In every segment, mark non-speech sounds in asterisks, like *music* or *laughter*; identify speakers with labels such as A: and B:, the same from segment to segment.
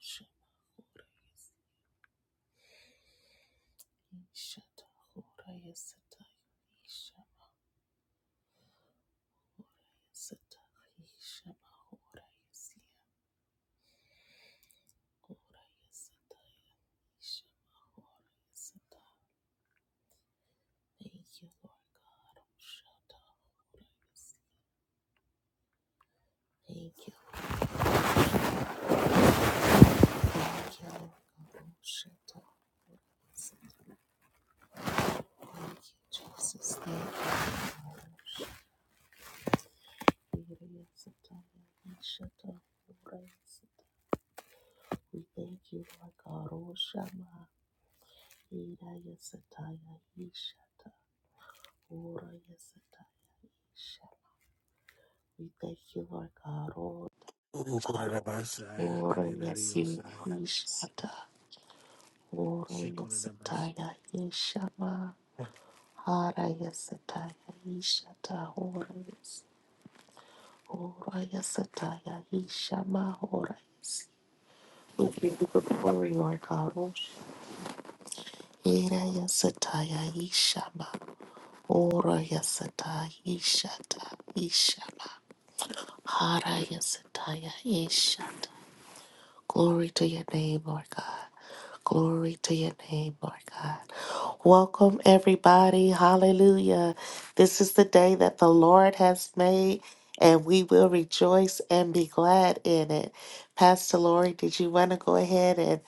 A: Shani Shata Hora Yasata Isha Yasata Isha Mahora Yasia Hora Yasata Isha Mahora Yasata. Thank you, Lord God. Shata Hora Yasia. Thank you. Thank you, Lord God. Shata Yasata. Thank you, Jesus. Thank you, Lord. Shata Yasata Ishata Hora Yasata. We thank you, Lord God. Oshama. Hira Yasata Yishata. Ora yasataya isha. We thank you, Lord God. Ora
B: Ukurabasaya
A: Ora yasi
B: Kariradiosaya.
A: ishata. Ora yasataya ishama. Hara yasataya ishata. Ora yas. Ora yasataya ishama. Ora yasi. We give you the glory, Lord God. Ora yasataya ishama. Ora yasataya ishata. Ishama. Hara yasataya ishata. Glory to your name, Lord God. Glory to your name, Lord God. Welcome, everybody. Hallelujah. This is the day that the Lord has made, and we will rejoice and be glad in it. Pastor Lori, did you want to go ahead and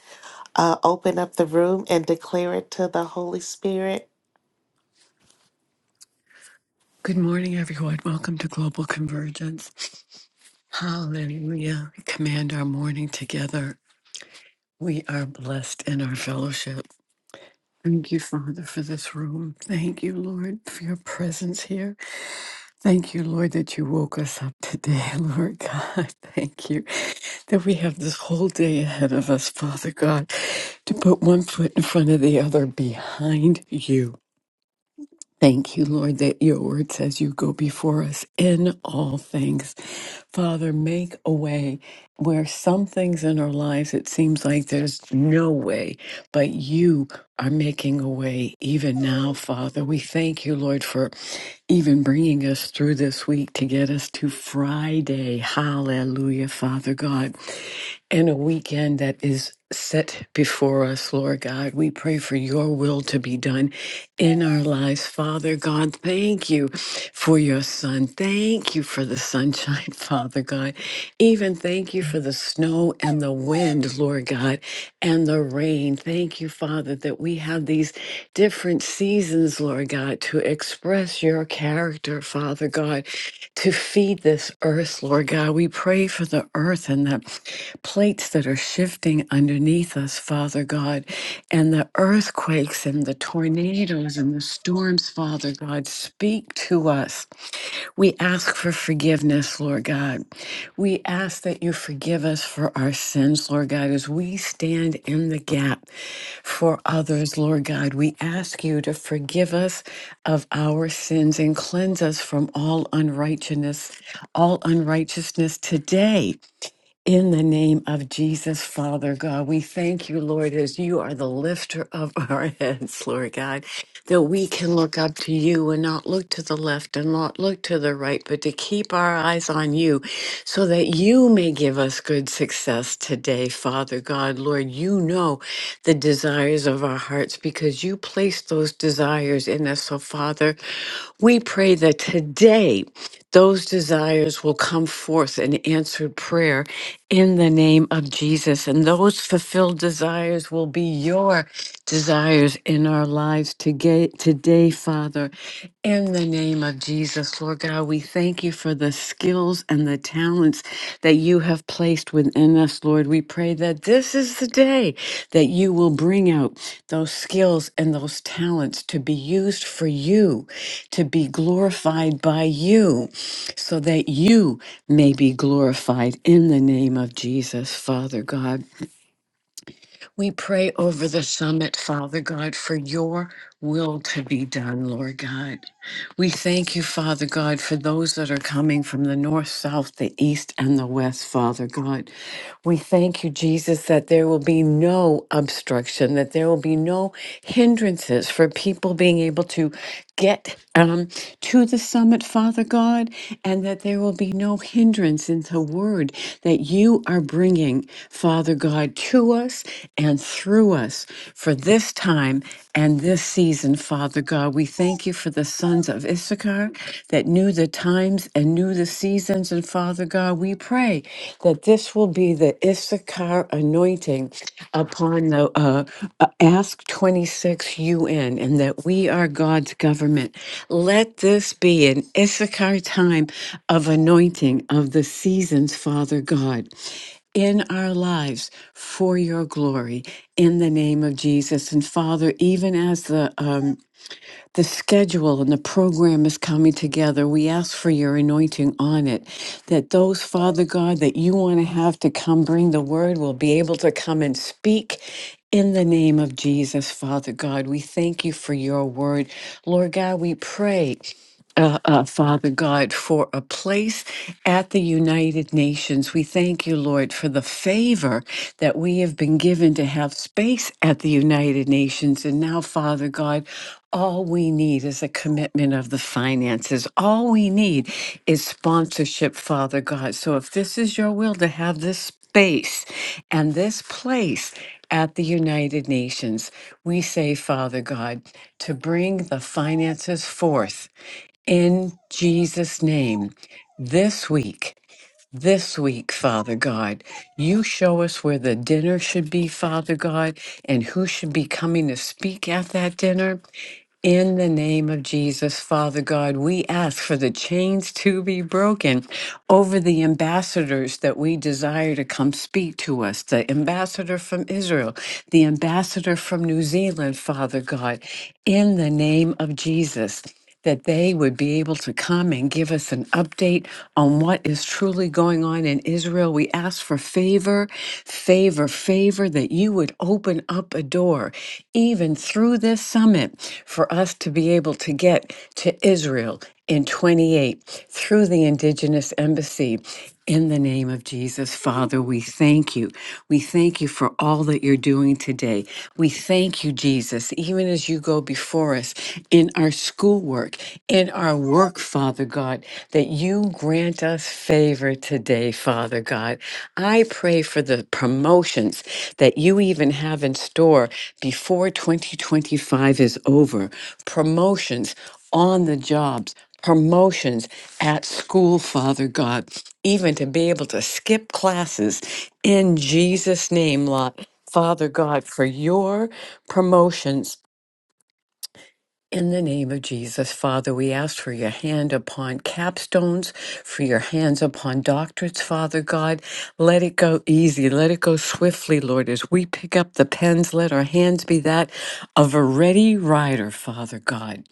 A: uh, open up the room and declare it to the Holy Spirit?
C: Good morning, everyone. Welcome to Global Convergence. Hallelujah. We command our morning together. We are blessed in our fellowship. Thank you, Father, for this room. Thank you, Lord, for your presence here. Thank you, Lord, that you woke us up today, *laughs* Lord God. Thank you that we have this whole day ahead of us, Father God, to put one foot in front of the other behind you. Thank you, Lord, that your word says you go before us in all things. Father, make a way where some things in our lives it seems like there's no way, but you are making a way even now, Father. We thank you, Lord, for even bringing us through this week to get us to Friday. Hallelujah, Father God and a weekend that is set before us, Lord God. We pray for your will to be done in our lives. Father God, thank you for your son. Thank you for the sunshine, *laughs* Father God. Even thank you for the snow and the wind, Lord God, and the rain. Thank you, Father, that we have these different seasons, Lord God, to express your character, Father God to feed this earth, Lord God. We pray for the earth and the plates that are shifting underneath us, Father God, and the earthquakes and the tornadoes and the storms, Father God. Speak to us. We ask for forgiveness, Lord God. We ask that you forgive us for our sins, Lord God, as we stand in the gap for others, Lord God. We ask you to forgive us of our sins and cleanse us from all unrighteousness, all unrighteousness today. In the name of Jesus, Father God, we thank you, Lord, as you are the lifter of our *laughs* heads, Lord God, that we can look up to you and not look to the left and not look to the right, but to keep our eyes on you so that you may give us good success today, Father God. Lord, you know the desires of our hearts because you placed those desires in us. So, Father, we pray that today, those desires will come forth in answered prayer in the name of Jesus. And those fulfilled desires will be your desires in our lives today, today, Father. In the name of Jesus, Lord God, we thank you for the skills and the talents that you have placed within us, Lord. We pray that this is the day that you will bring out those skills and those talents to be used for you, to be glorified by you so that you may be glorified in the name of Jesus, Father God. We pray over the summit, Father God, for your will to be done, Lord God. We thank you, Father God, for those that are coming from the north, south, the east, and the west, Father God. We thank you, Jesus, that there will be no obstruction, that there will be no hindrances for people being able to get um, to the summit, Father God, and that there will be no hindrance in the word that you are bringing, Father God, to us and through us for this time and this season, Father God. We thank thank you for the sons of Issachar that knew the times and knew the seasons. And Father God, we pray that this will be the Issachar anointing upon the uh, uh, Ask 26 UN and that we are God's government. Let this be an Issachar time of anointing of the seasons, Father God in our lives for your glory in the name of Jesus. And Father, even as the um, the schedule and the program is coming together. We ask for your anointing on it, that those, Father God, that you want to have to come bring the word will be able to come and speak. In the name of Jesus, Father God, we thank you for your word. Lord God, we pray uh, uh, Father God, for a place at the United Nations. We thank you, Lord, for the favor that we have been given to have space at the United Nations. And now, Father God, all we need is a commitment of the finances. All we need is sponsorship, Father God. So if this is your will to have this space and this place, at the United Nations, we say, Father God, to bring the finances forth in Jesus' name, this week, this week, Father God, you show us where the dinner should be, Father God, and who should be coming to speak at that dinner. In the name of Jesus, Father God, we ask for the chains to be broken over the ambassadors that we desire to come speak to us the ambassador from Israel, the ambassador from New Zealand, Father God, in the name of Jesus that they would be able to come and give us an update on what is truly going on in Israel. We ask for favor, favor, favor, that you would open up a door, even through this summit, for us to be able to get to Israel in 28 through the Indigenous Embassy. In the name of Jesus, Father, we thank you. We thank you for all that you're doing today. We thank you, Jesus, even as you go before us in our schoolwork, in our work, Father God, that you grant us favor today, Father God. I pray for the promotions that you even have in store before 2025 is over. Promotions on the jobs promotions at school, Father God, even to be able to skip classes in Jesus' name, Lo- Father God, for your promotions. In the name of Jesus, Father, we ask for your hand upon capstones, for your hands upon doctorates, Father God. Let it go easy. Let it go swiftly, Lord. As we pick up the pens, let our hands be that of a ready writer, Father God.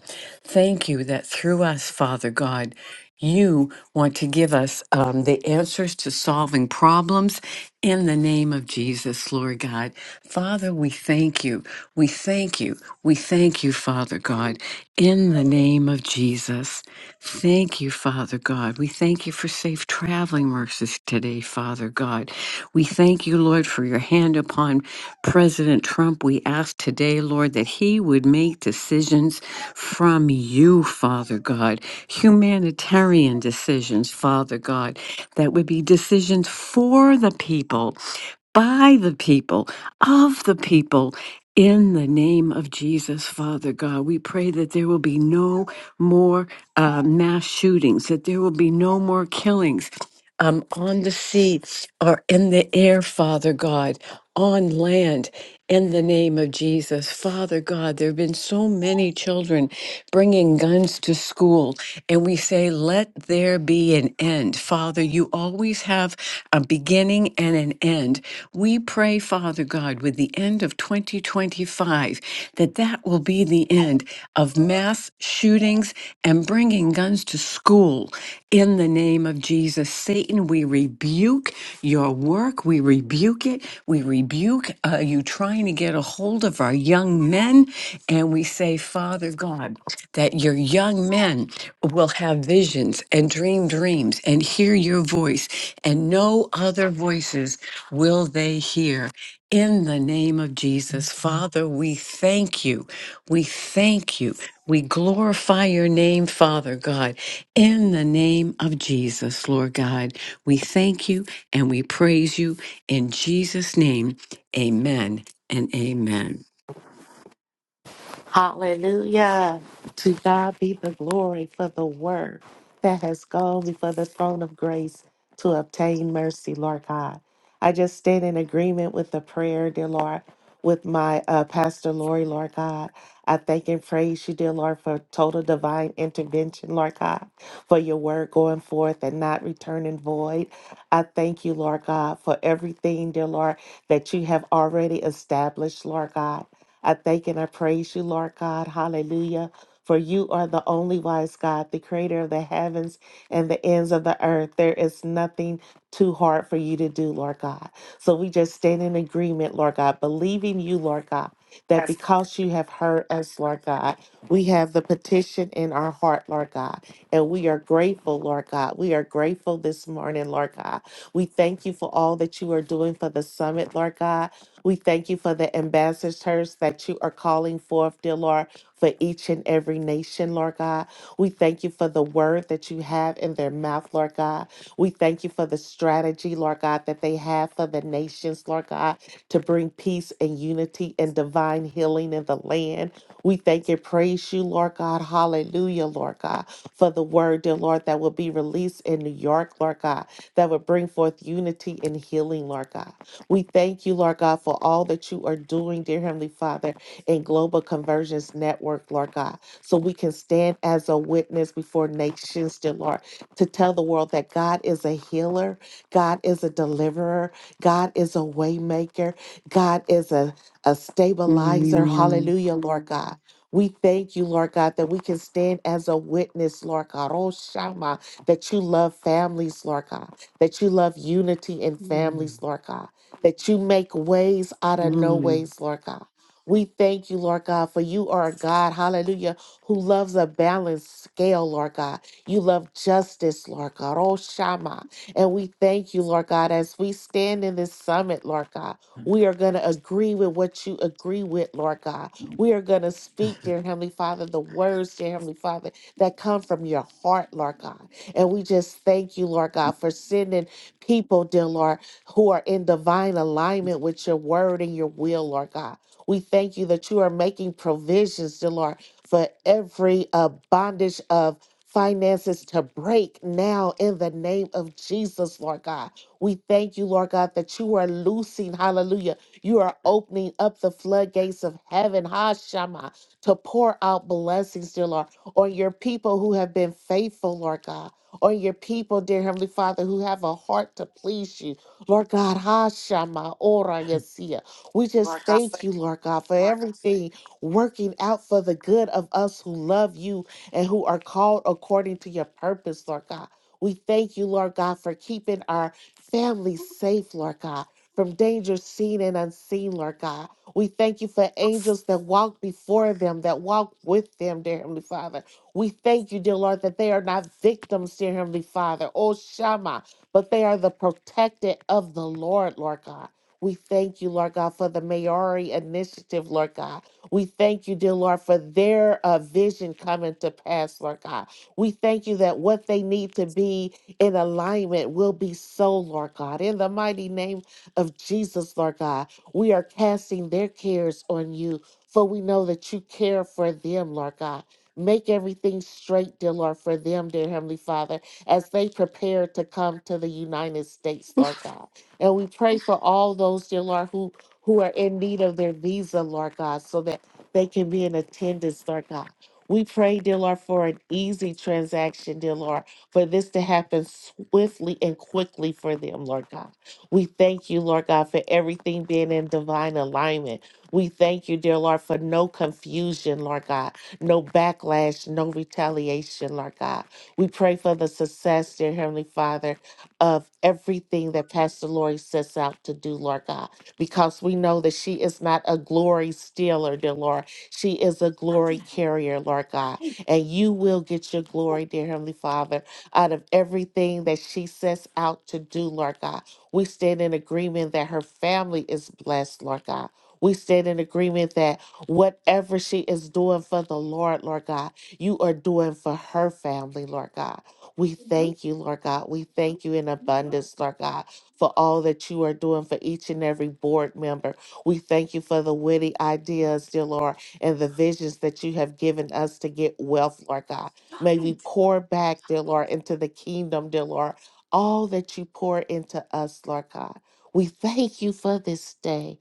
C: Thank you that through us, Father God, you want to give us um, the answers to solving problems in the name of Jesus, Lord God. Father, we thank you. We thank you. We thank you, Father God, in the name of Jesus. Thank you, Father God. We thank you for safe traveling resources today, Father God. We thank you, Lord, for your hand upon President Trump. We ask today, Lord, that he would make decisions from you, Father God, humanitarian decisions, Father God, that would be decisions for the people, by the people, of the people. In the name of Jesus, Father God, we pray that there will be no more uh, mass shootings, that there will be no more killings, um, on the sea or in the air, Father God, on land, in the name of Jesus. Father God, there have been so many children bringing guns to school and we say, Let there be an end. Father, you always have a beginning and an end. We pray, Father God, with the end of 2025, that that will be the end of mass shootings and bringing guns to school. In the name of Jesus, Satan, we rebuke your work. We rebuke it. We rebuke uh, you trying to get a hold of our young men. And we say, Father God, that your young men will have visions and dream dreams and hear your voice, and no other voices will they hear. In the name of Jesus, Father, we thank you. We thank you. We glorify your name, Father God. In the name of Jesus, Lord God, we thank you and we praise you. In Jesus' name, amen and amen.
A: Hallelujah. To God be the glory for the word that has gone before the throne of grace to obtain mercy, Lord God. I just stand in agreement with the prayer, dear Lord, with my uh, Pastor Lori, Lord God. I thank and praise you, dear Lord, for total divine intervention, Lord God, for your word going forth and not returning void. I thank you, Lord God, for everything, dear Lord, that you have already established, Lord God. I thank and I praise you, Lord God. Hallelujah. For you are the only wise God, the creator of the heavens and the ends of the earth. There is nothing too hard for you to do, Lord God. So we just stand in agreement, Lord God, believing you, Lord God, that because you have heard us, Lord God, we have the petition in our heart, Lord God. And we are grateful, Lord God. We are grateful this morning, Lord God. We thank you for all that you are doing for the summit, Lord God. We thank you for the ambassadors that you are calling forth, dear Lord, for each and every nation, Lord God. We thank you for the word that you have in their mouth, Lord God. We thank you for the strategy, Lord God, that they have for the nations, Lord God, to bring peace and unity and divine healing in the land. We thank and praise you, Lord God. Hallelujah, Lord God, for the word, dear Lord, that will be released in New York, Lord God, that will bring forth unity and healing, Lord God. We thank you, Lord God, for all that you are doing, dear Heavenly Father, in Global Conversions Network, Lord God, so we can stand as a witness before nations, dear Lord, to tell the world that God is a healer, God is a deliverer, God is a waymaker, God is a, a stabilizer.
C: Mm,
A: Hallelujah, Lord God. We thank you, Lord God, that we can stand as a witness, Lord God. Oh, Shama, that you love families, Lord God, that you love unity in families, Lord God that you make ways out of no
C: mm,
A: ways, Lord God. We thank you, Lord God, for you are a God, hallelujah, who loves a balanced scale, Lord God. You love justice, Lord God. Oh, Shama. And we thank you, Lord God, as we stand in this summit, Lord God. We are going to agree with what you agree with, Lord God. We are going to speak, dear Heavenly Father, the words, dear Heavenly Father, that come from your heart, Lord God. And we just thank you, Lord God, for sending people, dear Lord, who are in divine alignment with your word and your will, Lord God. We thank you that you are making provisions, dear Lord, for every uh, bondage of finances to break now in the name of Jesus, Lord God. We thank you, Lord God, that you are loosing, hallelujah. You are opening up the floodgates of heaven, ha to pour out blessings, dear Lord, on your people who have been faithful, Lord God, on your people, dear Heavenly Father, who have a heart to please you Lord God, Hashama Ora Yesia. We just thank you, Lord God, for everything working out for the good of us who love you and who are called according to your purpose, Lord God. We thank you, Lord God, for keeping our families safe, Lord God, from danger seen and unseen, Lord God. We thank you for angels that walk before them, that walk with them, dear Heavenly Father. We thank you, dear Lord, that they are not victims, dear Heavenly Father. Oh, Shama but they are the protected of the Lord, Lord God. We thank you, Lord God, for the Maori initiative, Lord God. We thank you, dear Lord, for their uh, vision coming to pass, Lord God. We thank you that what they need to be in alignment will be so, Lord God. In the mighty name of Jesus, Lord God, we are casting their cares on you, for we know that you care for them, Lord God. Make everything straight, dear Lord, for them, dear Heavenly Father as they prepare to come to the United States, Lord God. And we pray for all those, dear Lord, who, who are in need of their visa, Lord God, so that they can be in attendance, Lord God. We pray, dear Lord, for an easy transaction, dear Lord, for this to happen swiftly and quickly for them, Lord God. We thank you, Lord God, for everything being in divine alignment. We thank you, dear Lord, for no confusion, Lord God, no backlash, no retaliation, Lord God. We pray for the success, dear Heavenly Father, of everything that Pastor Lori sets out to do, Lord God, because we know that she is not a glory stealer, dear Lord. She is a glory carrier, Lord God. And you will get your glory, dear Heavenly Father, out of everything that she sets out to do, Lord God. We stand in agreement that her family is blessed, Lord God. We stand in agreement that whatever she is doing for the Lord, Lord God, you are doing for her family, Lord God. We thank you, Lord God. We thank you in abundance, Lord God, for all that you are doing for each and every board member. We thank you for the witty ideas, dear Lord, and the visions that you have given us to get wealth, Lord God. May we pour back, dear Lord, into the kingdom, dear Lord, all that you pour into us, Lord God. We thank you for this day.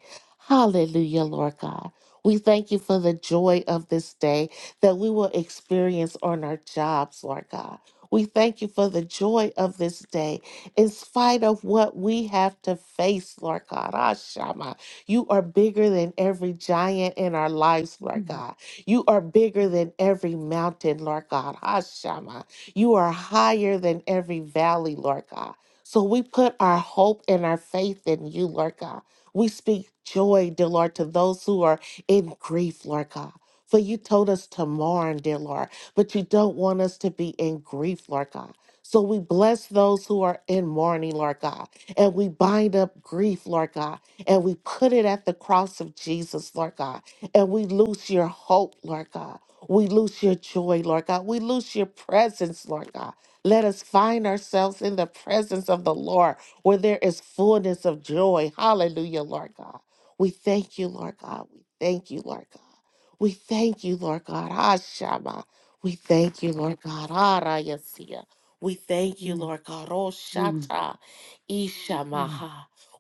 A: Hallelujah, Lord God. We thank you for the joy of this day that we will experience on our jobs, Lord God. We thank you for the joy of this day, in spite of what we have to face, Lord God. Ah, Shama, you are bigger than every giant in our lives, Lord
C: mm,
A: God. You are bigger than every mountain, Lord God. Ah, Shama, you are higher than every valley, Lord God. So we put our hope and our faith in you, Lord God. We speak joy, dear Lord, to those who are in grief, Lord God. For you told us to mourn, dear Lord, but you don't want us to be in grief, Lord God. So we bless those who are in mourning, Lord God, and we bind up grief, Lord God, and we put it at the cross of Jesus, Lord God, and we loose your hope, Lord God. We loose your joy, Lord God. We loose your presence, Lord God. Let us find ourselves in the presence of the Lord where there is fullness of joy. Hallelujah, Lord God. We thank you, Lord God. We thank you, Lord God. We thank you, Lord God. Ashama. We thank you, Lord God. Arayasia. We thank you,
C: mm,
A: Lord God.
C: mm,
A: Oshata.
C: mm.
A: Ishamaha.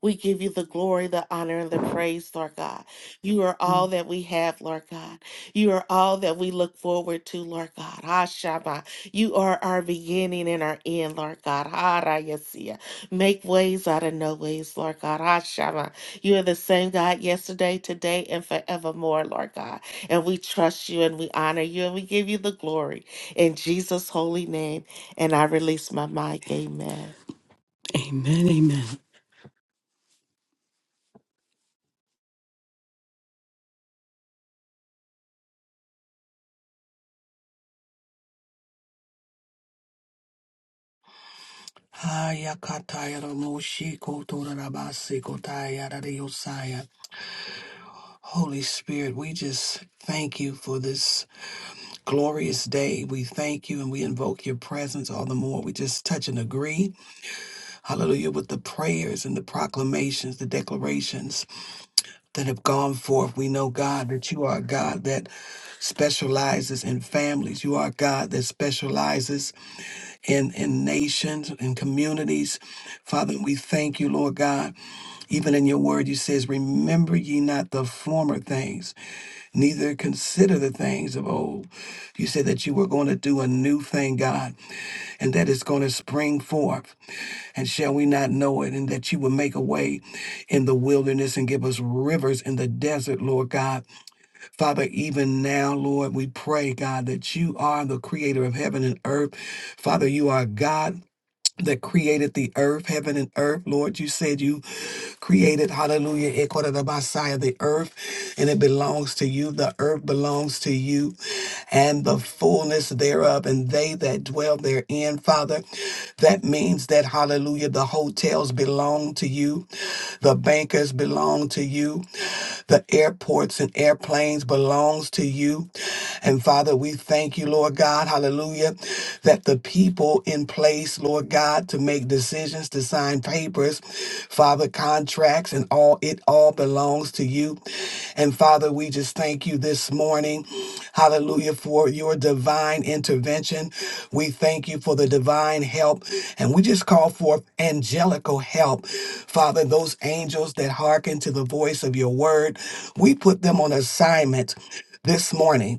A: We give you the glory, the honor, and the praise, Lord God. You are all
C: Amen.
A: that we have, Lord God. You are all that we look forward to, Lord God. Ashama. You are our beginning and our end, Lord God. Arayasia. Make ways out of no ways, Lord God. Ashama. You are the same God yesterday, today, and forevermore, Lord God. And we trust you and we honor you and we give you the glory in Jesus' holy name. And I release my mic. Amen.
C: Amen.
B: Haya Kataya Ramoshi Kotorabasi Kotaya Radiosaya. Holy Spirit, we just thank you for this glorious day. We thank you and we invoke your presence all the more. We just touch and agree. Hallelujah. With the prayers and the proclamations, the declarations that have gone forth. We know, God, that you are a God that specializes in families. You are a God that specializes in, in nations, in communities. Father, we thank you, Lord God. Even in your word, you says, remember ye not the former things, neither consider the things of old. You said that you were going to do a new thing, God, and that it's going to spring forth. And shall we not know it? And that you will make a way in the wilderness and give us rivers in the desert, Lord God. Father, even now, Lord, we pray, God, that you are the creator of heaven and earth. Father, you are God that created the earth, heaven and earth. Lord, you said you created, hallelujah, Ekodabasaya, the earth, and it belongs to you. The earth belongs to you and the fullness thereof, and they that dwell therein, Father. That means that, hallelujah, the hotels belong to you, the bankers belong to you, the airports and airplanes belongs to you. And Father, we thank you, Lord God, hallelujah hallelujah, that the people in place, Lord God, to make decisions, to sign papers, Father, contracts and all, it all belongs to you. And Father, we just thank you this morning, hallelujah, for your divine intervention. We thank you for the divine help, and we just call forth angelical help. Father, those angels that hearken to the voice of your word, we put them on assignment this morning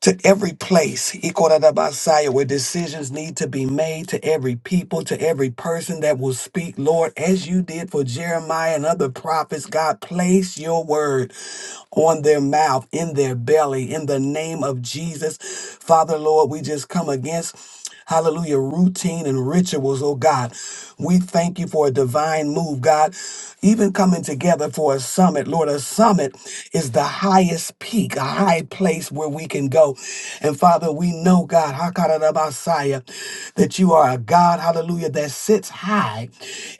B: to every place, Ikorabasaya, where decisions need to be made, to every people, to every person that will speak, Lord, as you did for Jeremiah and other prophets, God, place your word on their mouth, in their belly, in the name of Jesus. Father, Lord, we just come against hallelujah, routine and rituals, oh God. We thank you for a divine move, God. Even coming together for a summit, Lord, a summit is the highest peak, a high place where we can go. And Father, we know, God, Hakarabasaya, that you are a God, hallelujah, that sits high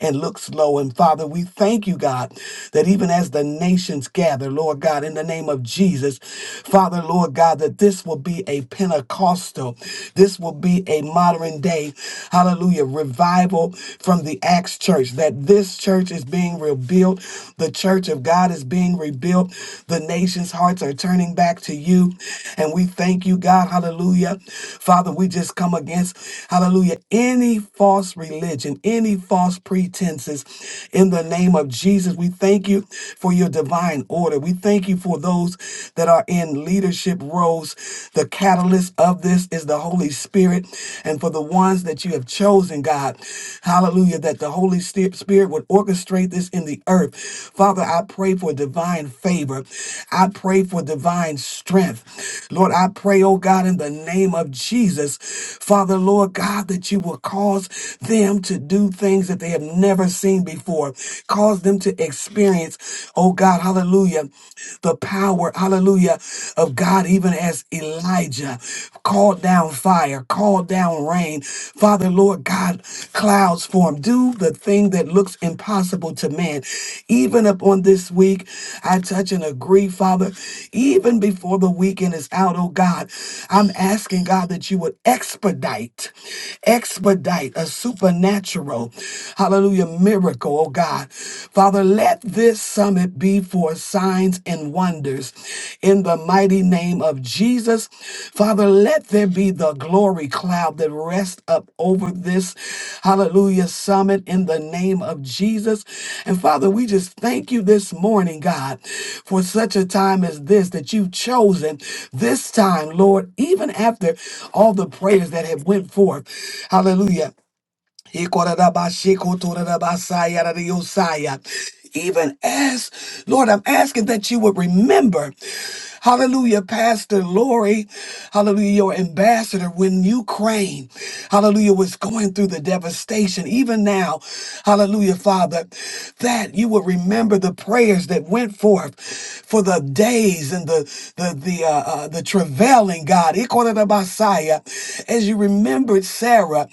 B: and looks low. And Father, we thank you, God, that even as the nations gather, Lord God, in the name of Jesus, Father, Lord God, that this will be be a Pentecostal. This will be a modern day, hallelujah, revival from the Acts church. That this church is being rebuilt. The church of God is being rebuilt. The nation's hearts are turning back to you. And we thank you, God, hallelujah. Father, we just come against, hallelujah, any false religion, any false pretenses in the name of Jesus. We thank you for your divine order. We thank you for those that are in leadership roles. The catalyst of this is the Holy Spirit. And for the ones that you have chosen, God, hallelujah, that the Holy Sti- Spirit would orchestrate this in the earth. Father, I pray for divine favor. I pray for divine strength. Lord, I pray, oh God, in the name of Jesus, Father, Lord God, that you will cause them to do things that they have never seen before, cause them to experience Oh God, hallelujah the power, hallelujah, of God, even as Elijah called down fire, called down rain. Father, Lord God, clouds form. Do the thing that looks impossible to man. Even upon this week, I touch and agree, Father, even before the weekend is out, oh God, I'm asking God that you would expedite, expedite a supernatural, hallelujah, miracle, oh God. Father, let this summit be for signs and wonders in the mighty name of Jesus. Father, let there be the glory cloud that rests up over this hallelujah summit in the name of Jesus. And Father, we just thank you this morning, God, for such a time as this that you've chosen this time, Lord, even after all the prayers that have went forth. Hallelujah. Ikorabashikotorabasayaradiosaya. Even as, Lord, I'm asking that you would remember, hallelujah, Pastor Lori, hallelujah, your ambassador when Ukraine, hallelujah, was going through the devastation, even now, hallelujah, Father, that you would remember the prayers that went forth for the days and the the the uh, uh, the travailing God, Ikorabasaya, as you remembered Sarah. Sarah.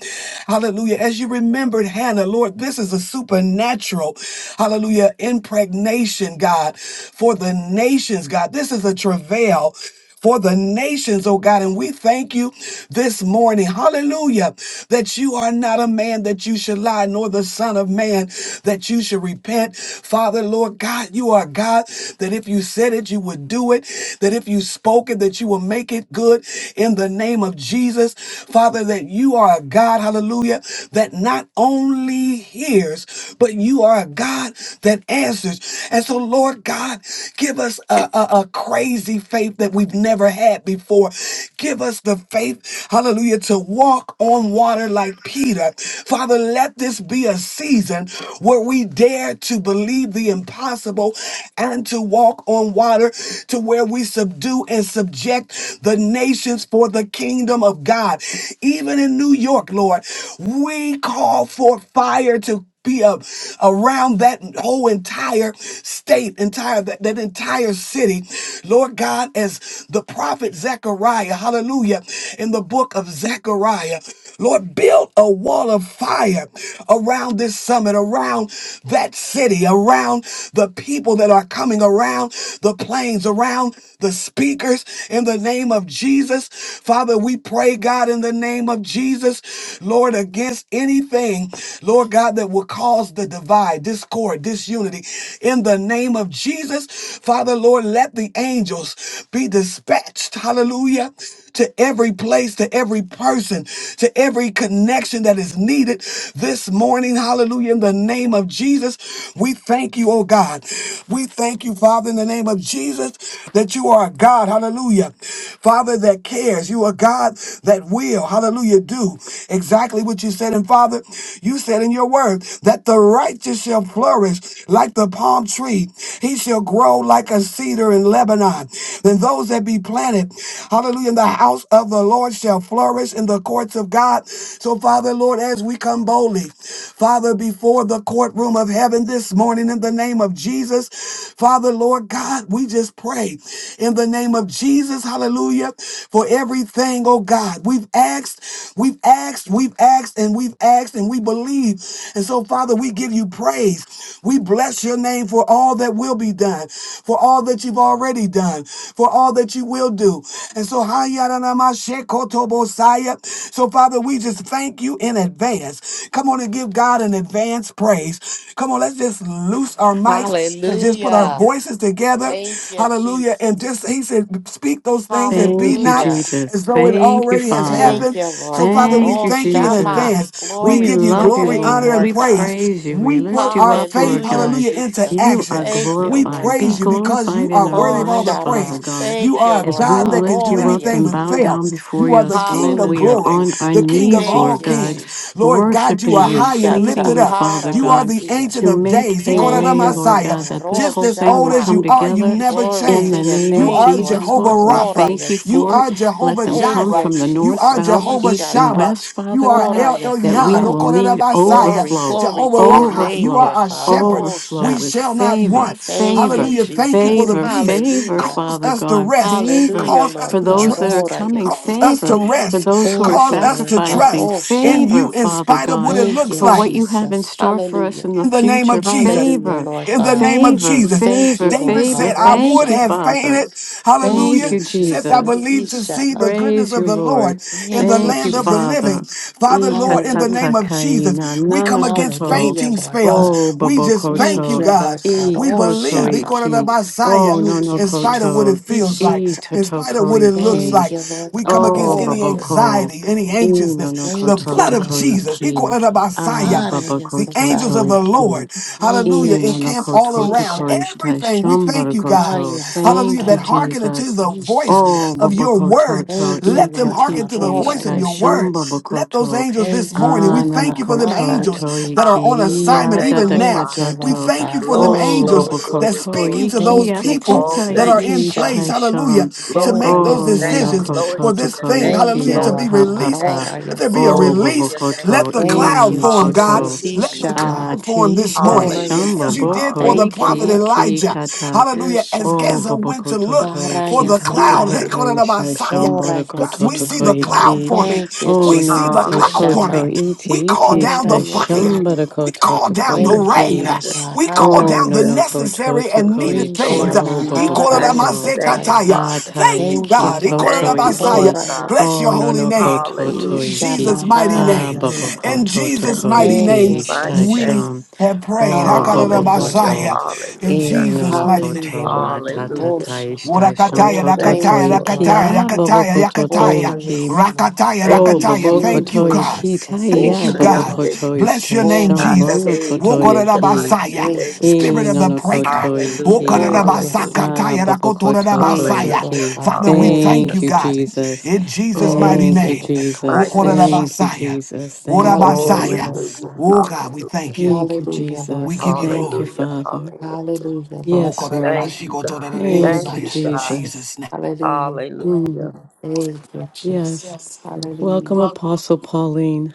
B: Hallelujah. As you remembered Hannah, Lord, this is a supernatural, hallelujah, impregnation, God, for the nations, God. This is a travail for the nations, oh God. And we thank you this morning, hallelujah, that you are not a man that you should lie, nor the Son of Man that you should repent. Father, Lord God, you are God that if you said it, you would do it, that if you spoke it, that you will make it good in the name of Jesus. Jesus, Father, that you are a God, hallelujah, that not only hears, but you are a God that answers. And so, Lord God, give us a, a, a crazy faith that we've never had before. Give us the faith, hallelujah, to walk on water like Peter. Father, let this be a season where we dare to believe the impossible and to walk on water to where we subdue and subject the nation relationships for the kingdom of God. Even in New York, Lord, we call for fire to be up around that whole entire state, entire that, that entire city. Lord God, as the prophet Zechariah, hallelujah, in the book of Zechariah. Lord, build a wall of fire around this summit, around that city, around the people that are coming, around the planes, around the speakers in the name of Jesus. Father, we pray, God, in the name of Jesus, Lord, against anything, Lord God, that will cause the divide, discord, disunity. In the name of Jesus, Father, Lord, let the angels be dispatched. Hallelujah to every place, to every person, to every connection that is needed this morning. Hallelujah. In the name of Jesus, we thank you, oh God. We thank you, Father, in the name of Jesus, that you are a God. Hallelujah. Father, that cares. You are God that will. Hallelujah. Do exactly what you said. And Father, you said in your word that the righteous shall flourish like the palm tree. He shall shall grow like a cedar in Lebanon. Then those that be planted, hallelujah, in the house of the Lord shall flourish in the courts of God. So, Father, Lord, as we come boldly, Father, before the courtroom of heaven this morning in the name of Jesus, Father, Lord God, we just pray in the name of Jesus, hallelujah, for everything, oh God. We've asked, we've asked, we've asked, and we've asked, and we believe receive. And so, Father, we give you praise. We bless your name for all that will be done, for all that you've already done, for all that you will do. And so, Hayaranamashekotobosaya. so Father, we just thank you in advance. Come on and give God an advance praise. Come on, let's just loose our mics and just put our
A: Hallelujah.
B: voices together.
A: Thank you,
B: Hallelujah. And just,
A: Jesus.
B: he said, speak those things that be
C: Thank you,
B: not.
A: Hallelujah.
B: as
C: Jesus.
B: as though it
C: Thank you,
B: already has
C: Father.
A: Thank
B: happened.
A: you, Lord
B: So, Father,
A: God.
B: we
C: Thank
A: Oh,
C: you,
B: thank you in
C: Jesus.
A: Shama.
B: advance. We
C: We
A: Glory
B: give
A: to
B: you
A: your
C: love you,
B: glory,
A: name,
B: honor,
C: Lord.
B: and
A: Lord
C: We
A: God.
B: praise.
C: praise you. We
B: We put
C: lift you
B: our
C: up,
B: faith,
C: Lord
A: Hallelujah,
C: God.
B: hallelujah, into
A: Jesus.
C: You
B: action.
C: are
A: Thank you,
B: We
A: Lord
C: glorified. Be
B: praise you
A: God.
B: because
C: glorified
B: you
C: in
B: are
C: our
B: worthy
A: Oh,
B: of all the
C: lives, Father
A: Shama.
B: praise.
C: God.
B: You
A: Thank you,
B: are a
C: As
A: Lord
C: we
B: God
A: God.
B: that can
C: lift
A: Oh,
B: do
C: you up
B: anything
C: and
B: but
C: bow
A: Rayasia.
B: fail.
C: down before
B: You are
C: your
B: the King
C: throne,
B: of
C: we are
A: Hallelujah,
B: glory,
A: Lord
C: on our
B: the
A: God.
B: King of
C: knees,
B: all
A: Thank
C: Lord
A: you,
C: God,
B: kings.
A: Jesus.
B: Lord God, you
C: worshiping
B: are
C: you,
B: high
A: Isha
B: and
C: pleading
B: lifted
C: you,
B: up.
C: Father
A: Ishatahara
B: You are
C: God,
B: the
A: Yasiya.
B: Ancient
C: to
B: of
C: make
B: Days. He
C: a
B: called out the
A: Thank
C: way,
A: you,
C: Lord
A: Lord
B: Messiah.
C: God,
A: God.
C: that this
A: Oh,
B: Just
C: whole
B: as
C: thing
B: old
C: will
B: as
A: Shama.
C: come
B: you are, you
C: together
B: never
A: Glory
C: In
A: to
B: change.
C: the
A: your
C: name
B: You
C: of
A: name,
B: are
A: Lord
C: Jesus,
B: Jehovah
A: God.
C: Lord, we
A: Ora
B: Rapha.
C: thank you
B: You
C: for
A: Yasiya.
C: it.
B: are
C: Let
B: Jehovah
C: them
A: Thank
C: come
B: Jireh.
A: you,
C: from the
B: You
C: north,
B: are
A: Jesus.
C: south,
B: Jehovah
C: east, and
A: Ishata.
B: Shammah.
C: west,
B: You
C: Father
B: are
C: God,
A: Ora
B: El
C: that
B: Elyon.
C: we
B: Oh,
C: will
B: called
A: Yasataya.
B: out the
C: need
B: Messiah.
A: Glory,
C: overflow,
A: glory
B: Jehovah
A: to your
B: Rohi.
A: name,
B: You are
C: overflow,
A: Lord
B: our
A: God.
B: shepherd.
A: Oh,
C: overflow
B: We
C: with
A: Shama.
B: shall not
C: favor,
B: want.
A: Thank
C: favor,
A: you,
B: Hallelujah. Thank you for
A: Jesus.
B: the
C: favor,
B: peace.
C: favor,
A: Hallelujah.
B: Cause
C: Father
B: us to
C: God,
B: rest.
C: favor
A: Hallelujah,
B: Cause us
A: Lord
C: for
B: to
C: those
A: God.
C: that are
B: trust.
A: Ora
C: coming,
B: Cause
A: Yasiya.
B: us
C: favor
B: to
C: for those
B: rest.
C: who are
A: Thank
B: Cause
A: you,
B: us to
A: Lord God.
C: sacrificing,
A: Oh,
B: trust in
A: Shama.
C: favor,
B: you in
C: Father
B: spite of what
C: God,
B: it
A: Thank
B: looks
A: you,
C: for
B: like
C: what you have in
A: Jesus.
C: store for
A: Hallelujah.
C: us in the
B: in the name of
C: future,
B: Jesus.
A: Hallelujah,
C: favor.
A: Lord
B: In the
A: God.
B: name of
C: Favor,
A: We thank
B: Jesus.
C: favor,
A: you, Lord
B: David
C: favor.
B: said,
A: God.
B: I
A: Oh,
B: would
C: Thank you,
A: Shama.
B: have
C: Father.
B: fainted,
A: Thank
C: Thank
B: hallelujah,
A: you,
C: you,
B: except I
A: Jesus.
C: Jesus.
B: believed to see the
A: Ishama.
B: goodness
C: Praise you,
B: of the
C: Lord.
B: Lord in the
A: Thank you,
C: Thank you,
B: land of the
A: Jesus.
B: living.
C: Father.
B: Father, Lord, in the name of
A: Hallelujah.
C: Ikatatakaina
B: Jesus, we come against
C: nanakoto.
A: Hallelujah,
B: fainting
A: Lord God.
C: Oh,
B: spells. We just thank
A: Thank
B: you,
C: babokoto.
A: you,
B: God.
A: Lord God.
B: We
A: Oh,
C: Ikoto
B: believe, we
A: Shama.
B: to the
C: iki. Oh,
B: Messiah,
C: no
A: Thank
C: no
A: you,
B: in spite of
A: Jesus.
B: what
C: koto.
B: it feels like,
A: Ishata.
B: in spite of what
C: Itotoko
B: it looks
C: iki.
A: Thank
B: like.
A: you, Lord
B: We come
A: God.
C: Oh,
B: against
A: Ora
B: any
A: yasi.
C: baboko.
B: anxiety, any anxiousness. The
A: Thank
C: Inonokoto
A: you,
B: blood of
C: toko
A: Lord God.
B: Jesus, equal
C: iki.
B: to the
C: Ah,
B: Messiah.
A: Ara
B: The
C: babokoto
B: angels
C: to
B: of the
A: yasataya.
C: iki.
B: Lord,
A: Thank
B: hallelujah,
A: you,
B: encamp all
A: Jesus.
C: Inonokoto
B: around
A: Ishama.
C: tokoishita
B: everything. We thank you, God,
A: Ara
C: shambarakoto.
B: hallelujah,
C: Thank you,
B: that
A: yasataya.
B: hearken unto
C: Jesus.
B: the voice
C: Oh,
B: of your word.
C: babakototo
A: Thank you,
B: Let them
A: Lord
B: hearken
A: God.
B: to the
C: itatiti
A: Ora
B: voice of
C: shita
B: your
A: yesia.
B: word. Let those
C: shambabakoto.
B: angels this
A: Thank you,
B: morning, we
A: Lord
B: thank you
A: God.
B: for them
C: Ananakoto
A: Ara yesia.
B: angels that are on
D: Hallelujah.
B: assignment
C: toikia
D: Thank
B: even
D: you,
B: now.
A: Thank you,
D: Father.
B: We
A: Lord
C: dadakatoto.
B: thank you
A: God.
B: for them
D: Glory,
C: Oh,
D: glory,
A: Hoshama.
B: angels that's
D: glory,
C: babakoto
D: glory.
B: speaking to those
C: ikia
A: Thank you,
B: people
D: Oh,
C: tata
B: that
A: Jesus.
B: are
D: thank you,
B: in
C: iti
B: place grace,
C: shita
A: Ishata.
D: Father.
B: hallelujah,
C: sham.
B: to
D: Glory
A: Ora
B: make
D: to
B: those
C: Oh,
D: your name.
B: decisions
A: yesataya.
D: Glory
C: nonokoto
B: for
D: to
B: this
D: your
B: thing,
D: name.
A: Thank you,
B: hallelujah,
C: tokoikia
B: to
D: Glory
B: be
A: Lord
D: to
A: God.
D: your
C: papapa.
D: name.
B: released.
A: Ora
B: Let there be a
A: yesata.
D: Glory
C: Oh,
D: to your
B: release.
D: name.
B: Let
C: babakoto
B: the
A: Thank
B: cloud
A: you,
B: form, God.
C: inanokoto.
D: Hallelujah,
A: Jesus.
B: Let the
D: Jesus.
A: Ishama.
B: cloud form this
C: Atish
B: morning,
A: Ora
C: Taisham
D: Hallelujah.
B: as you
A: yesia.
B: did
C: Boboko
B: for
D: Hallelujah.
B: the
A: Thank you,
B: prophet
C: Iki
A: Lord God.
C: Iki
B: Elijah,
C: Kata
B: hallelujah, as
C: O
D: Mm,
A: Ishata.
B: Gaza went to
C: Boboko
B: look
C: Toto
A: Ara
B: for
C: Iki
B: the
C: Tata
B: cloud, hey,
A: yesataya.
D: Jesus,
B: call
C: Kata
B: it a
C: Ish
D: Jesus.
B: Messiah.
C: Taisham
A: Ora
C: Bodoko
B: God, we
C: Toto
B: see
A: yesia.
C: Ko
B: the cloud
D: Mm,
C: Iki
B: forming.
A: Thank you,
C: O
B: We see
C: Nono
A: Jesus.
B: the
C: Ko
B: cloud
D: hallelujah.
C: Toto
B: forming.
A: Ishama.
B: We
C: Iti
B: call
C: Itish
B: down
A: Ora
B: the
A: yesia.
B: fire.
C: Taisham
D: Mm,
B: We
C: Bodoko
B: call
C: Toto Ko
B: down the
A: Thank you,
B: rain.
C: Iki
A: Lord
D: Jesus,
A: God.
B: We call
C: O
B: down the
D: Jesus.
C: Nono Ko
A: Harayasya.
B: necessary
C: Toto
B: and
C: Ko
B: needed
C: Iki
B: things.
D: Lord
A: Isha
C: O
D: Jesus.
C: Boboko
D: Thank you.
C: To
D: Thank you,
A: Maharayasataya.
B: Ikoramasekataya.
D: Father.
C: Ata
B: Thank you,
A: Thank
C: Iki
A: you,
B: God.
A: Lord
C: Toto
D: Thank
A: God.
D: you, Lord
C: Iki
B: Ikoramasaya.
D: God.
B: Bless
A: Horayasya.
C: O
B: your holy
C: Nono Ko
B: name.
C: Toto
D: Hallelujah.
B: In
A: Isha
C: Iki
B: Jesus' mighty
C: Ah,
B: name.
C: Baba
D: Mm.
B: In
A: Maharayasataya.
C: Koto
B: Jesus'
D: In
C: Tokoi
B: mighty
A: Thank
D: Jesus'
B: name,
A: you,
D: mighty
C: Tish
D: name.
B: we
A: Jesus.
B: have prayed.
C: Oh, Bobo
A: Hallelujah, Lord
D: Hallelujah.
A: God.
B: Hakarabasaya.
C: Koto.
B: In
C: E
D: Hallelujah.
C: no
B: Jesus'
C: no
B: mighty name.
A: Hallelujah,
C: koto
A: Lord God.
C: atata
D: Hallelujah.
A: Osha.
C: taishta shon
B: Urakataya,
D: Oh,
C: toto
D: thank you,
B: rakataya,
A: Thank you,
D: Lord
C: toiki
A: Lord
B: rakataya,
D: God.
C: a
A: God.
C: bobo
B: rakataya,
C: koto
B: rakataya,
D: Mm.
C: toiki.
A: Horayasya.
B: rakataya,
D: Thank
C: Oh,
D: you,
B: rakataya.
C: bobo
B: Thank
A: Thank
D: Jesus.
B: you,
C: koto
A: you,
B: God.
C: iki
A: Jesus.
D: Oh,
B: Thank
C: taia
B: you,
A: Isha
C: bobo
B: God.
A: ta
C: koto
D: Kriande.
B: Bless your
C: ishta
B: name,
C: shon
B: Jesus.
C: bono
D: Atake
C: koto
A: Horayasataya.
D: siyete
C: iki.
B: Wokorabasaya,
A: Thank
D: mariende.
A: you,
B: Spirit
C: E
B: of
C: no
B: the
C: no
A: Jesus.
B: breaker.
C: koto
D: Hallelujah.
C: iki.
A: Horayasya.
D: Hallelujah.
C: Ah,
B: Wokorabasakataya,
C: bobo koto
A: Thank you,
B: rakotorabasaya.
A: Lord
D: Hallelujah.
C: toiki.
A: God.
B: Father, we
A: Oh, that
B: thank
D: Hallelujah.
C: Thank
B: you,
C: you,
A: is it.
B: God.
C: Jesus.
B: In
A: We
B: Jesus'
D: Oh,
B: mighty
A: thank
C: Thank
D: in
A: you,
C: you,
B: name.
A: Lord
D: Jesus'
A: God.
C: Jesus.
D: mighty
A: Oh,
D: name.
A: sh-
C: Thank you,
B: Wokorabasaya,
C: Jesus. Thank you,
A: hallelujah,
B: orabasaya.
A: Lord
C: Jesus.
D: Hallelujah.
A: God.
B: Oh, God, we
D: Hallelujah.
B: thank you.
C: Thank you,
A: Hallelujah, Lord
B: We
C: Jesus.
B: give you
A: God.
C: Thank you,
B: glory.
D: Hallelujah.
C: Father.
D: Hallelujah.
A: Hallelujah, Lord
C: Yes,
A: God.
C: Lord.
D: Thank you, God.
A: Thank
C: Thank
D: Thank
C: you,
A: you,
D: you,
B: Wokorabashikotorabasaya. In
D: God.
A: Jesus.
C: Jesus.
B: Jesus' name.
A: Hallelujah.
D: Hallelujah.
C: Mm,
A: Thank you, Jesus.
C: yes.
A: Yes. Hallelujah.
C: Welcome,
A: Welcome.
C: Apostle Pauline.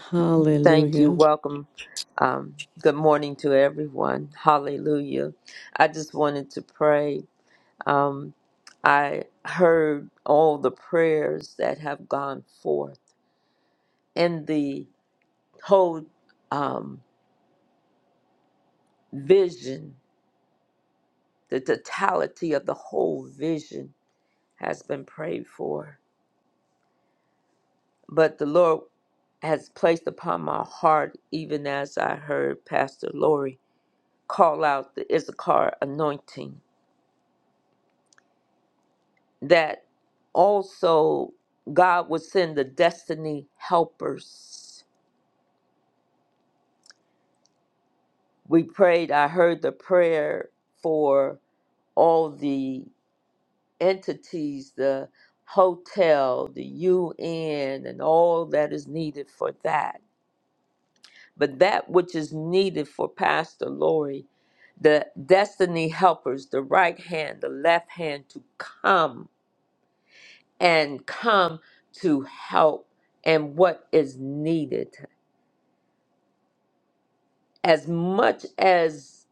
D: Thank you.
C: Hallelujah.
D: Welcome. Um, good morning to everyone. Hallelujah. I just wanted to pray. Um, I heard all the prayers that have gone forth and the whole um, vision, the totality of the whole vision has been prayed for. But the Lord has placed upon my heart, even as I heard Pastor Lori call out the Issachar anointing, that also God would send the destiny helpers. We prayed, I heard the prayer for all the entities, the hotel, the UN, and all that is needed for that But that which is needed for Pastor Lori, the destiny helpers, the right hand, the left hand to come and come to help and what is needed. As much as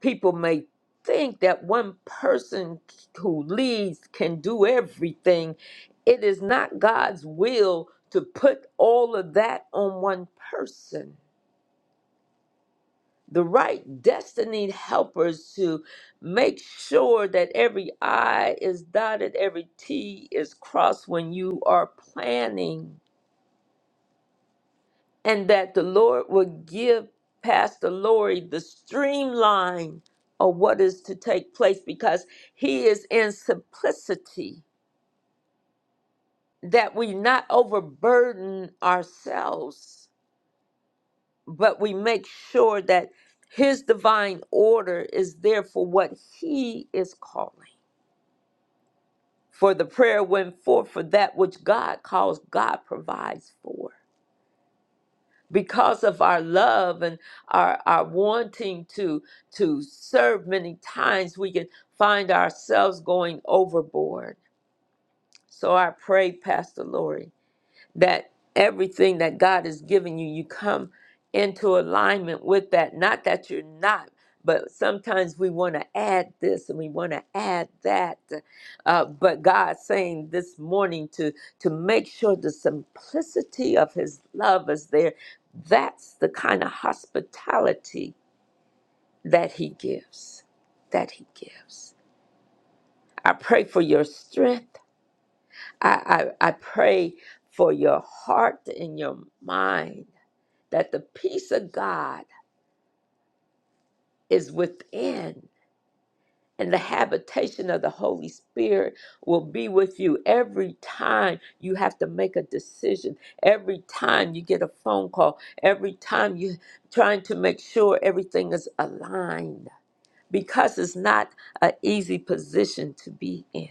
D: people may think that one person who leads can do everything, it is not God's will to put all of that on one person. the right destiny helpers to make sure that every I is dotted, every T is crossed when you are planning, and that the Lord will give Pastor Lori the streamline of what is to take place because he is in simplicity, that we not overburden ourselves, but we make sure that his divine order is there for what he is calling. For the prayer went forth for that which God calls, God provides for. Because of our love and our, our wanting to to serve many times, we can find ourselves going overboard. So I pray, Pastor Lori, that everything that God has given you, you come into alignment with that. Not that you're not, but sometimes we want to add this and we want to add that. Uh, but God's saying this morning to to make sure the simplicity of His love is there. That's the kind of hospitality that He gives. That He gives. I pray for your strength. I, I, I pray for your heart and your mind that the peace of God is within, and the habitation of the Holy Spirit will be with you every time you have to make a decision, every time you get a phone call, every time you're trying to make sure everything is aligned, because it's not an easy position to be in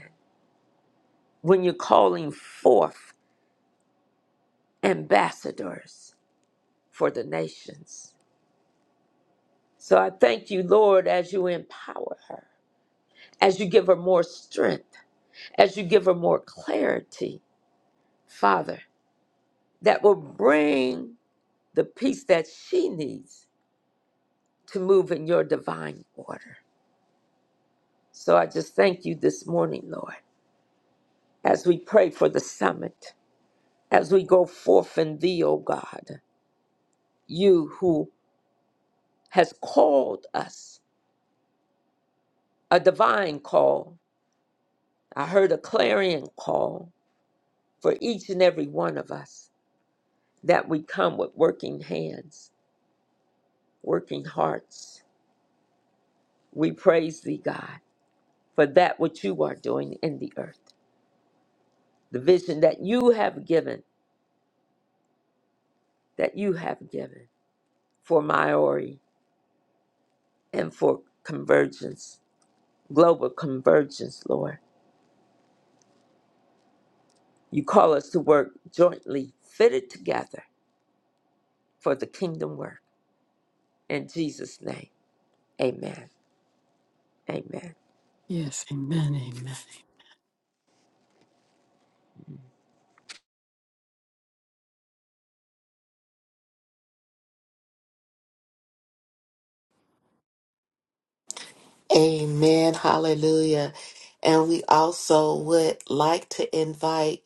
D: when you're calling forth ambassadors for the nations. So I thank you, Lord, as you empower her as you give her more strength, as you give her more clarity, Father, that will bring the peace that she needs to move in your divine order. So I just thank you this morning, Lord, as we pray for the summit, as we go forth in thee, O God, you who has called us a divine call. I heard a clarion call for each and every one of us that we come with working hands, working hearts We praise thee, God, for that which you are doing in the earth, the vision that you have given, that you have given for Maori and for convergence, global convergence, Lord. You call us to work jointly, fitted together for the kingdom work. In Jesus' name, amen. Amen.
C: Yes, amen, amen.
A: Amen. Hallelujah. And we also would like to invite.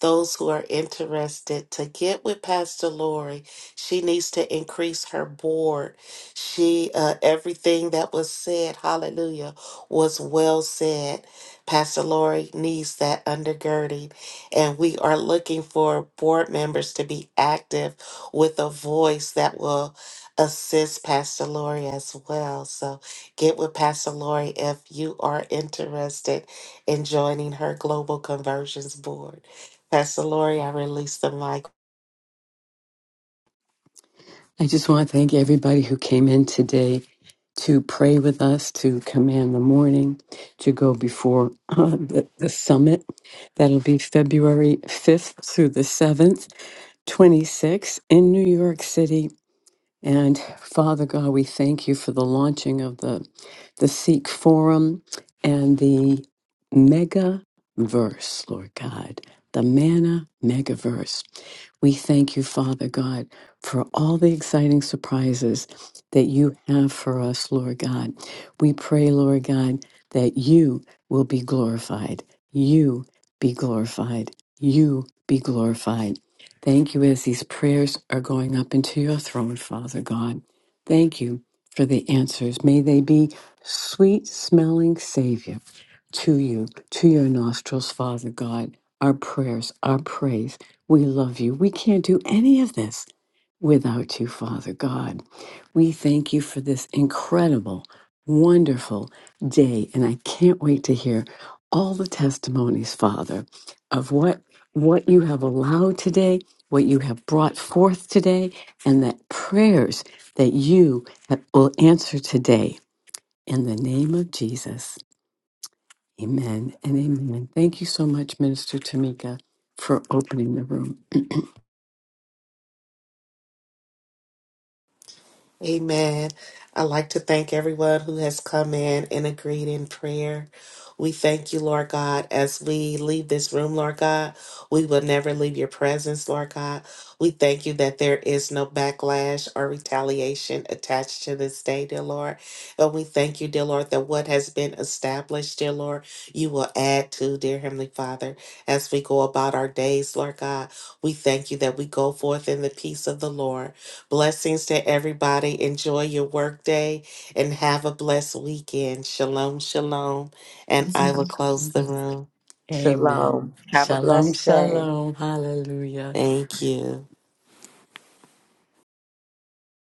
A: those who are interested to get with Pastor Lori. She needs to increase her board. She uh, everything that was said, hallelujah, was well said. Pastor Lori needs that undergirding, and we are looking for board members to be active with a voice that will assist Pastor Lori as well. So get with Pastor Lori if you are interested in joining her Global Conversions Board. Pastor Lori, I release the mic.
C: I just want to thank everybody who came in today to pray with us, to command the morning, to go before uh, the, the summit. That'll be February 5th through the 7th, 26 in New York City. And Father God, we thank you for the launching of the, the Sikh Forum and the mega verse, Lord God, the manna mega verse. We thank you, Father God, for all the exciting surprises that you have for us, Lord God. We pray, Lord God, that you will be glorified. You be glorified. You be glorified. Thank you as these prayers are going up into your throne, Father God. Thank you for the answers. May they be sweet smelling Savior to you, to your nostrils, Father God, our prayers, our praise. We love you. We can't do any of this without you, Father God. We thank you for this incredible, wonderful day. And I can't wait to hear all the testimonies, Father, of what, what you have allowed today, what you have brought forth today, and that prayers that you have, will answer today. In the name of Jesus. Amen and amen. Thank you so much, Minister Tamika, for opening the room.
A: Amen. I'd like to thank everyone who has come in and agreed in prayer. We thank you, Lord God, as we leave this room, Lord God. We will never leave your presence, Lord God. We thank you that there is no backlash or retaliation attached to this day, dear Lord. And we thank you, dear Lord, that what has been established, dear Lord, you will add to, dear Heavenly Father, as we go about our days, Lord God. We thank you that we go forth in the peace of the Lord. Blessings to everybody. Enjoy your workday and have a blessed weekend. Shalom, shalom. And I will close the room.
C: Amen.
D: Shalom. Have a
C: Shalom,
D: blessed day.
C: shalom. Hallelujah.
A: Thank you.